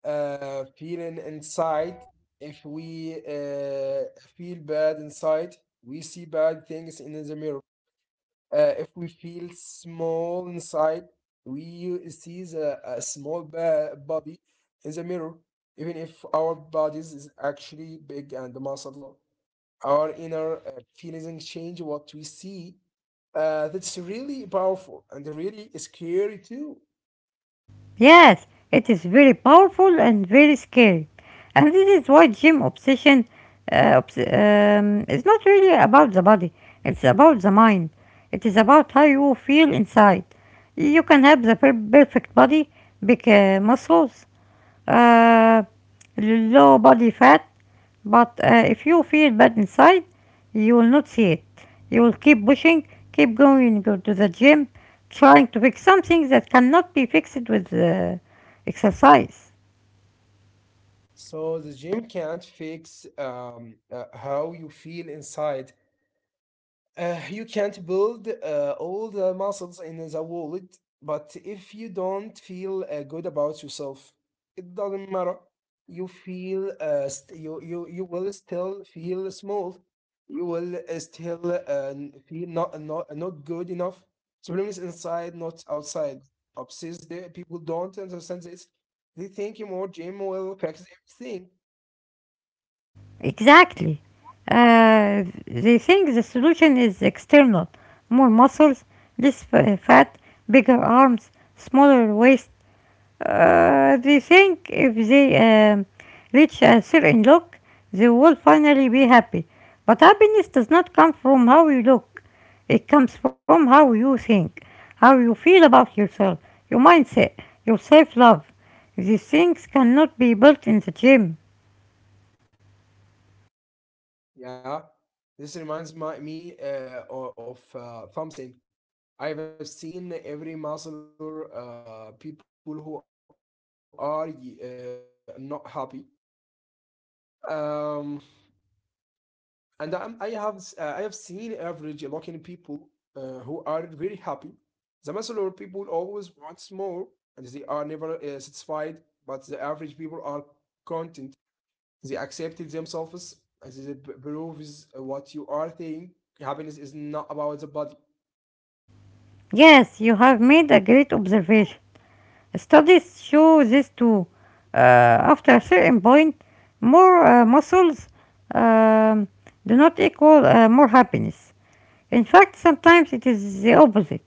uh, feeling inside. If we uh, feel bad inside, we see bad things in the mirror. Uh, if we feel small inside, we u- see the, a small ba- body in the mirror, even if our bodies is actually big and muscular. Our inner uh, feelings change what we see. Uh, that's really powerful and really scary too.
Yes, it is very powerful and very scary. And this is why gym obsession uh, obs- um, is not really about the body, it's about the mind. It is about how you feel inside. You can have the per- perfect body, big uh, muscles, uh, low body fat, but uh, if you feel bad inside, you will not see it. You will keep pushing, keep going go to the gym, trying to fix something that cannot be fixed with uh, exercise.
So the gym can't fix um, uh, how you feel inside. Uh, you can't build uh, all the muscles in the world, but if you don't feel uh, good about yourself, it doesn't matter. You feel uh, st- you you you will still feel small. You will uh, still uh, n- feel not not not good enough. The problem is inside, not outside. Obsessed the people don't understand this. They think more gym will fix everything.
Exactly. Uh, they think the solution is external, more muscles, less f- fat, bigger arms, smaller waist. Uh, they think if they um, reach a certain look, they will finally be happy. But happiness does not come from how you look, it comes from how you think, how you feel about yourself, your mindset, your self love. These things cannot be built in the gym.
Yeah, this reminds my, me uh, o- of uh, something. I've seen every muscular uh, people who are y- uh, not happy. Um, and I'm, I have uh, I have seen average looking people uh, who are very happy. The muscular people always want more, and they are never uh, satisfied. But the average people are content. They accepted themselves as it proves what you are thinking. Happiness is not about the body.
Yes, you have made a great observation. Studies show this too. Uh, After a certain point, more uh, muscles um, do not equal uh, more happiness. In fact, sometimes it is the opposite.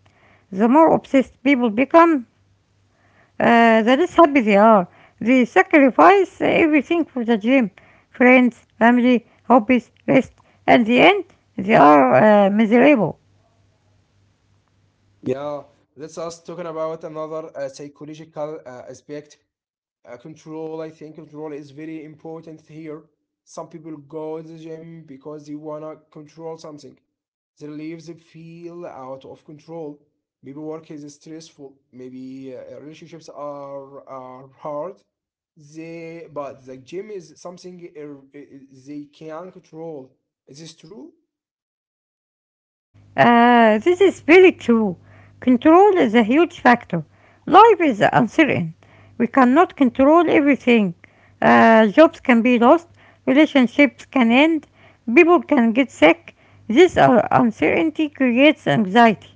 The more obsessed people become, uh, the less happy they are. They sacrifice everything for the gym, friends, family, hobbies, rest. At the end, they are uh, miserable.
Yeah, let's us talking about another uh, psychological uh, aspect, uh, control. I think control is very important here. Some people go to the gym because they wanna control something. They their lives feel out of control. Maybe work is stressful, maybe uh, relationships are are hard. They but the gym is something uh, uh, they can control. Is this true?
Uh, this is very true. Control is a huge factor. Life is uncertain. We cannot control everything. Uh, jobs can be lost, relationships can end, people can get sick. This uh, uncertainty creates anxiety.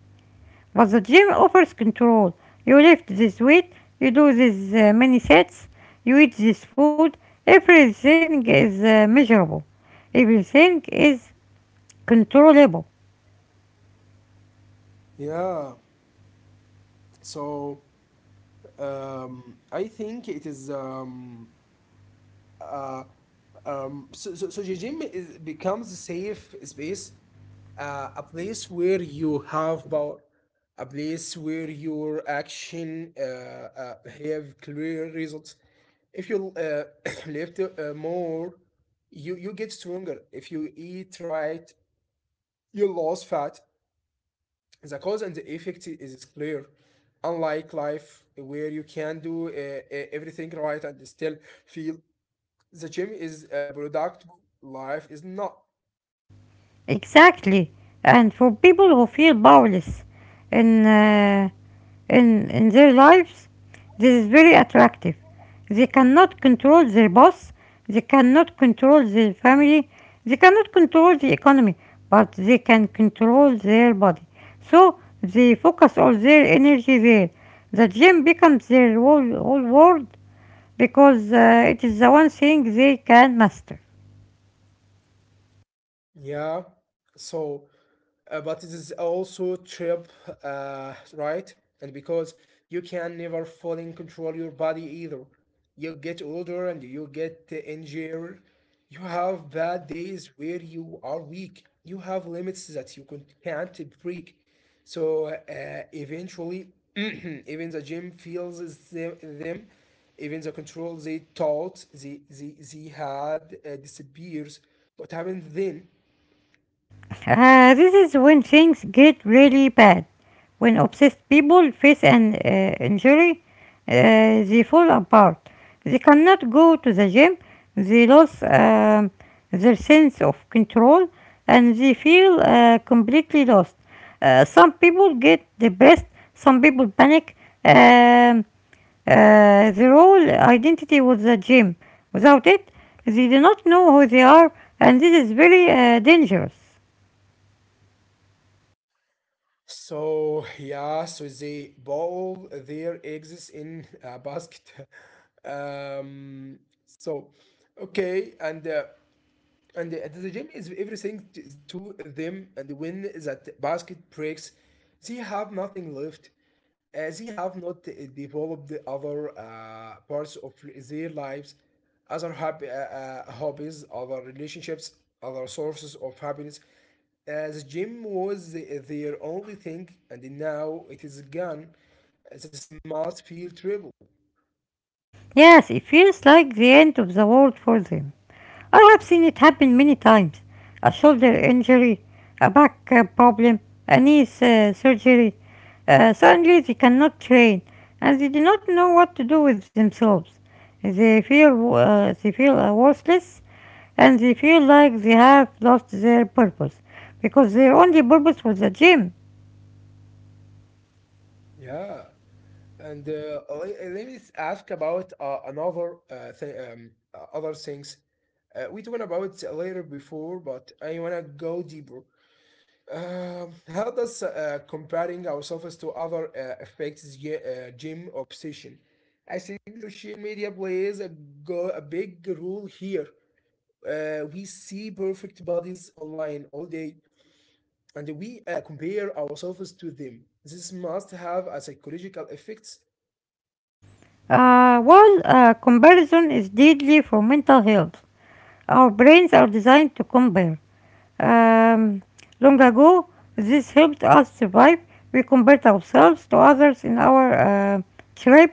But the gym offers control. You lift this weight, you do these uh, many sets, you eat this food. Everything is uh, measurable. Everything is controllable.
Yeah, so um I think it is um uh Um, so, so, so Jijim is, becomes a safe space, uh, a place where you have power, a place where your action uh, uh, have clear results. If you uh, *coughs* *clears throat* lift uh, more, you, you get stronger. If you eat right, you lose fat. The cause and the effect is clear. Unlike life, where you can do uh, uh, everything right and still feel the gym is uh, productive, life is not.
Exactly. And for people who feel powerless in, uh, in, in their lives, this is very attractive. They cannot control their boss, they cannot control their family, they cannot control the economy, but they can control their body. So they focus all their energy there. The gym becomes their whole, whole world because uh, it is the one thing they can master.
Yeah. So, uh, but it is also trip, uh, right? And because you can never fully control your body either. You get older and you get injured. You have bad days where you are weak. You have limits that you con- can't break. So uh, eventually, *clears throat* even the gym feels them, them, even the control they thought they, they, they had uh, disappears. What happened then?
Uh, this is when things get really bad. When obsessed people face an uh, injury, uh, they fall apart. They cannot go to the gym, they lose um, their sense of control, and they feel uh, completely lost. Uh, some people get depressed, some people panic. Um, uh, their whole identity was the gym. Without it, they do not know who they are, and this is very uh, dangerous.
So yeah, so they boil their eggs in a basket. *laughs* Um, so okay, and uh, and at the gym is everything to them, and when that basket breaks they have nothing left. Uh, they have not uh, developed the other uh, parts of their lives, other hobby, uh, uh, hobbies, other relationships, other sources of happiness. Uh, the gym was the, their only thing, and now it is gone. Uh, that smart field triple.
Yes, it feels like the end of the world for them. I have seen it happen many times. A shoulder injury, a back uh, problem, a knee uh, surgery. Uh, suddenly they cannot train and they do not know what to do with themselves. They feel, uh, they feel uh, worthless and they feel like they have lost their purpose because their only purpose was the gym.
Yeah. And uh, le- let me ask about uh, another uh, thing, um, uh, other things. Uh, we talked about later before, but I wanna go deeper. Um, how does uh, comparing ourselves to other uh, affects ge- uh, gym obsession? I think social media plays a go a big role here. Uh, we see perfect bodies online all day, and we uh, compare ourselves to them. This must have a psychological effects.
Uh, while uh, comparison is deadly for mental health, our brains are designed to compare. Um, Long ago, this helped us survive. We compared ourselves to others in our uh, tribe.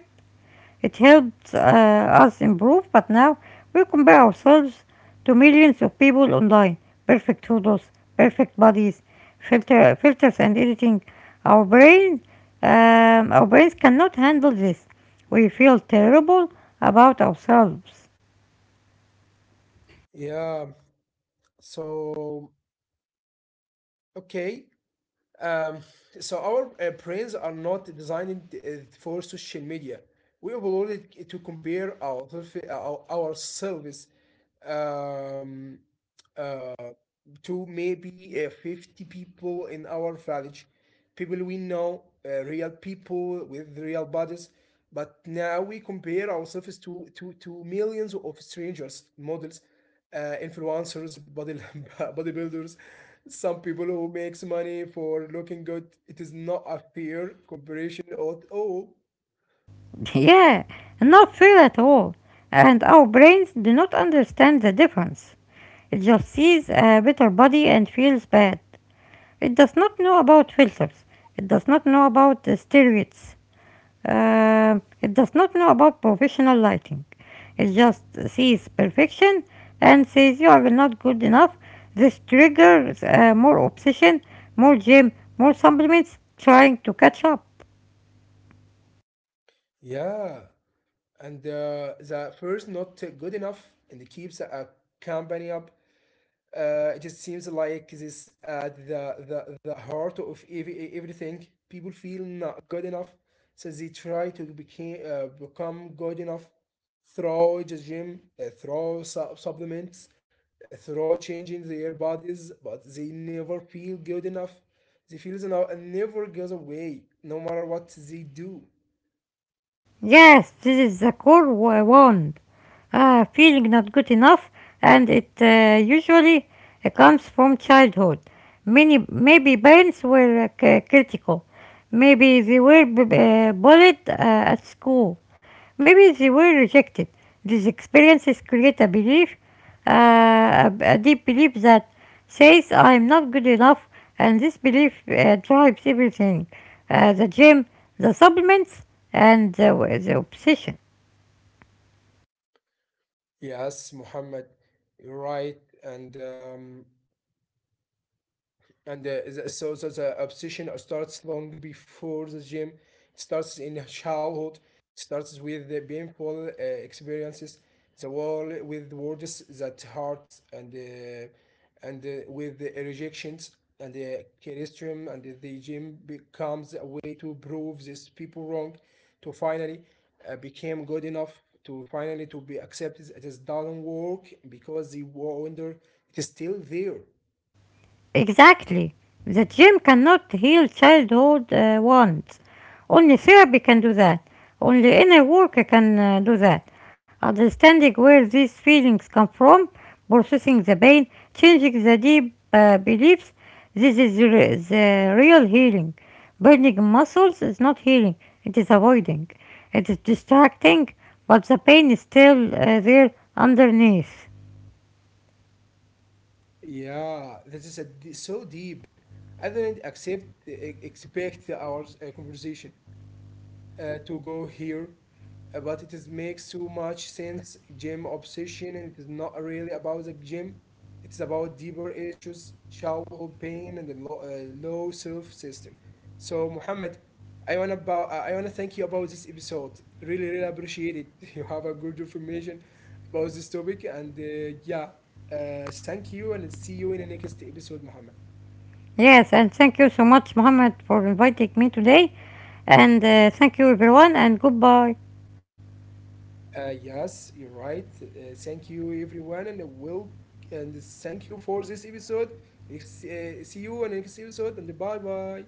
It helped uh, us improve, but now we compare ourselves to millions of people online. Perfect photos, perfect bodies, filter, filters, and editing. Our brain, um, our brains cannot handle this. We feel terrible about ourselves.
Yeah, so, okay. Um, so our uh, brains are not designed uh, for social media. We upload it to compare ourself- our, ourselves. Um, to maybe uh, fifty people in our village, people we know, uh, real people with real bodies, but now we compare ourselves to to, to millions of strangers, models, uh, influencers body *laughs* bodybuilders, some people who makes money for looking good. It is not a fair comparison at all.
*laughs* Yeah, not fair at all. And our brains do not understand the difference. It just sees a better body and feels bad. It does not know about filters. It does not know about the steroids. Um, it does not know about professional lighting. It just sees perfection and says you are not good enough. This triggers uh, more obsession, more gym, more supplements, trying to catch up.
Yeah, and uh, the first not good enough and it keeps a company up. Uh, it just seems like this uh, the, the the heart of ev- everything. People feel not good enough, so they try to become uh, become good enough through the gym, uh, through su- supplements, uh, through changing their bodies, but they never feel good enough. They feel the now and never goes away, no matter what they do.
Yes, this is the core wa- wound. Uh, feeling not good enough, and it uh, usually uh, comes from childhood. Many, maybe parents were uh, c- critical. Maybe they were b- b- uh, bullied uh, at school. Maybe they were rejected. These experiences create a belief, uh, a, a deep belief that says I'm not good enough, and this belief uh, drives everything, uh, the gym, the supplements, and the, the obsession.
Yes, Muhammad, you're right, and um, and uh, the- so, so the obsession starts long before the gym. It starts in childhood. It starts with the painful uh, experiences, the wall with words that hurt, and uh, and uh, with the rejections and the criticism, and the the gym becomes a way to prove these people wrong, to finally uh, became good enough, to finally to be accepted. It is doesn't work because the wonder it is still there.
Exactly. The gym cannot heal childhood uh, wounds. Only therapy can do that. Only inner work can uh, do that. Understanding where these feelings come from, processing the pain, changing the deep uh, beliefs, this is re- the real healing. Burning muscles is not healing, it is avoiding. It is distracting, but the pain is still uh, there underneath.
Yeah, this is a d so deep. I didn't accept e, expect our uh, conversation uh, to go here, uh, but it is makes so much sense. Gym obsession and it is not really about the gym. It's about deeper issues, childhood pain, and the low, uh, low self system. So Muhammad, I wanna about I wanna thank you about this episode. Really, really appreciate it. *laughs* You have a good information about this topic, and uh, yeah, uh, thank you, and see you in the next episode, Muhammad.
Yes, and thank you so much, Mohammed, for inviting me today. And uh, thank you, everyone, and goodbye.
Uh, yes, you're right. Uh, thank you, everyone, and will and thank you for this episode. Next, uh, see you in next episode, and bye bye.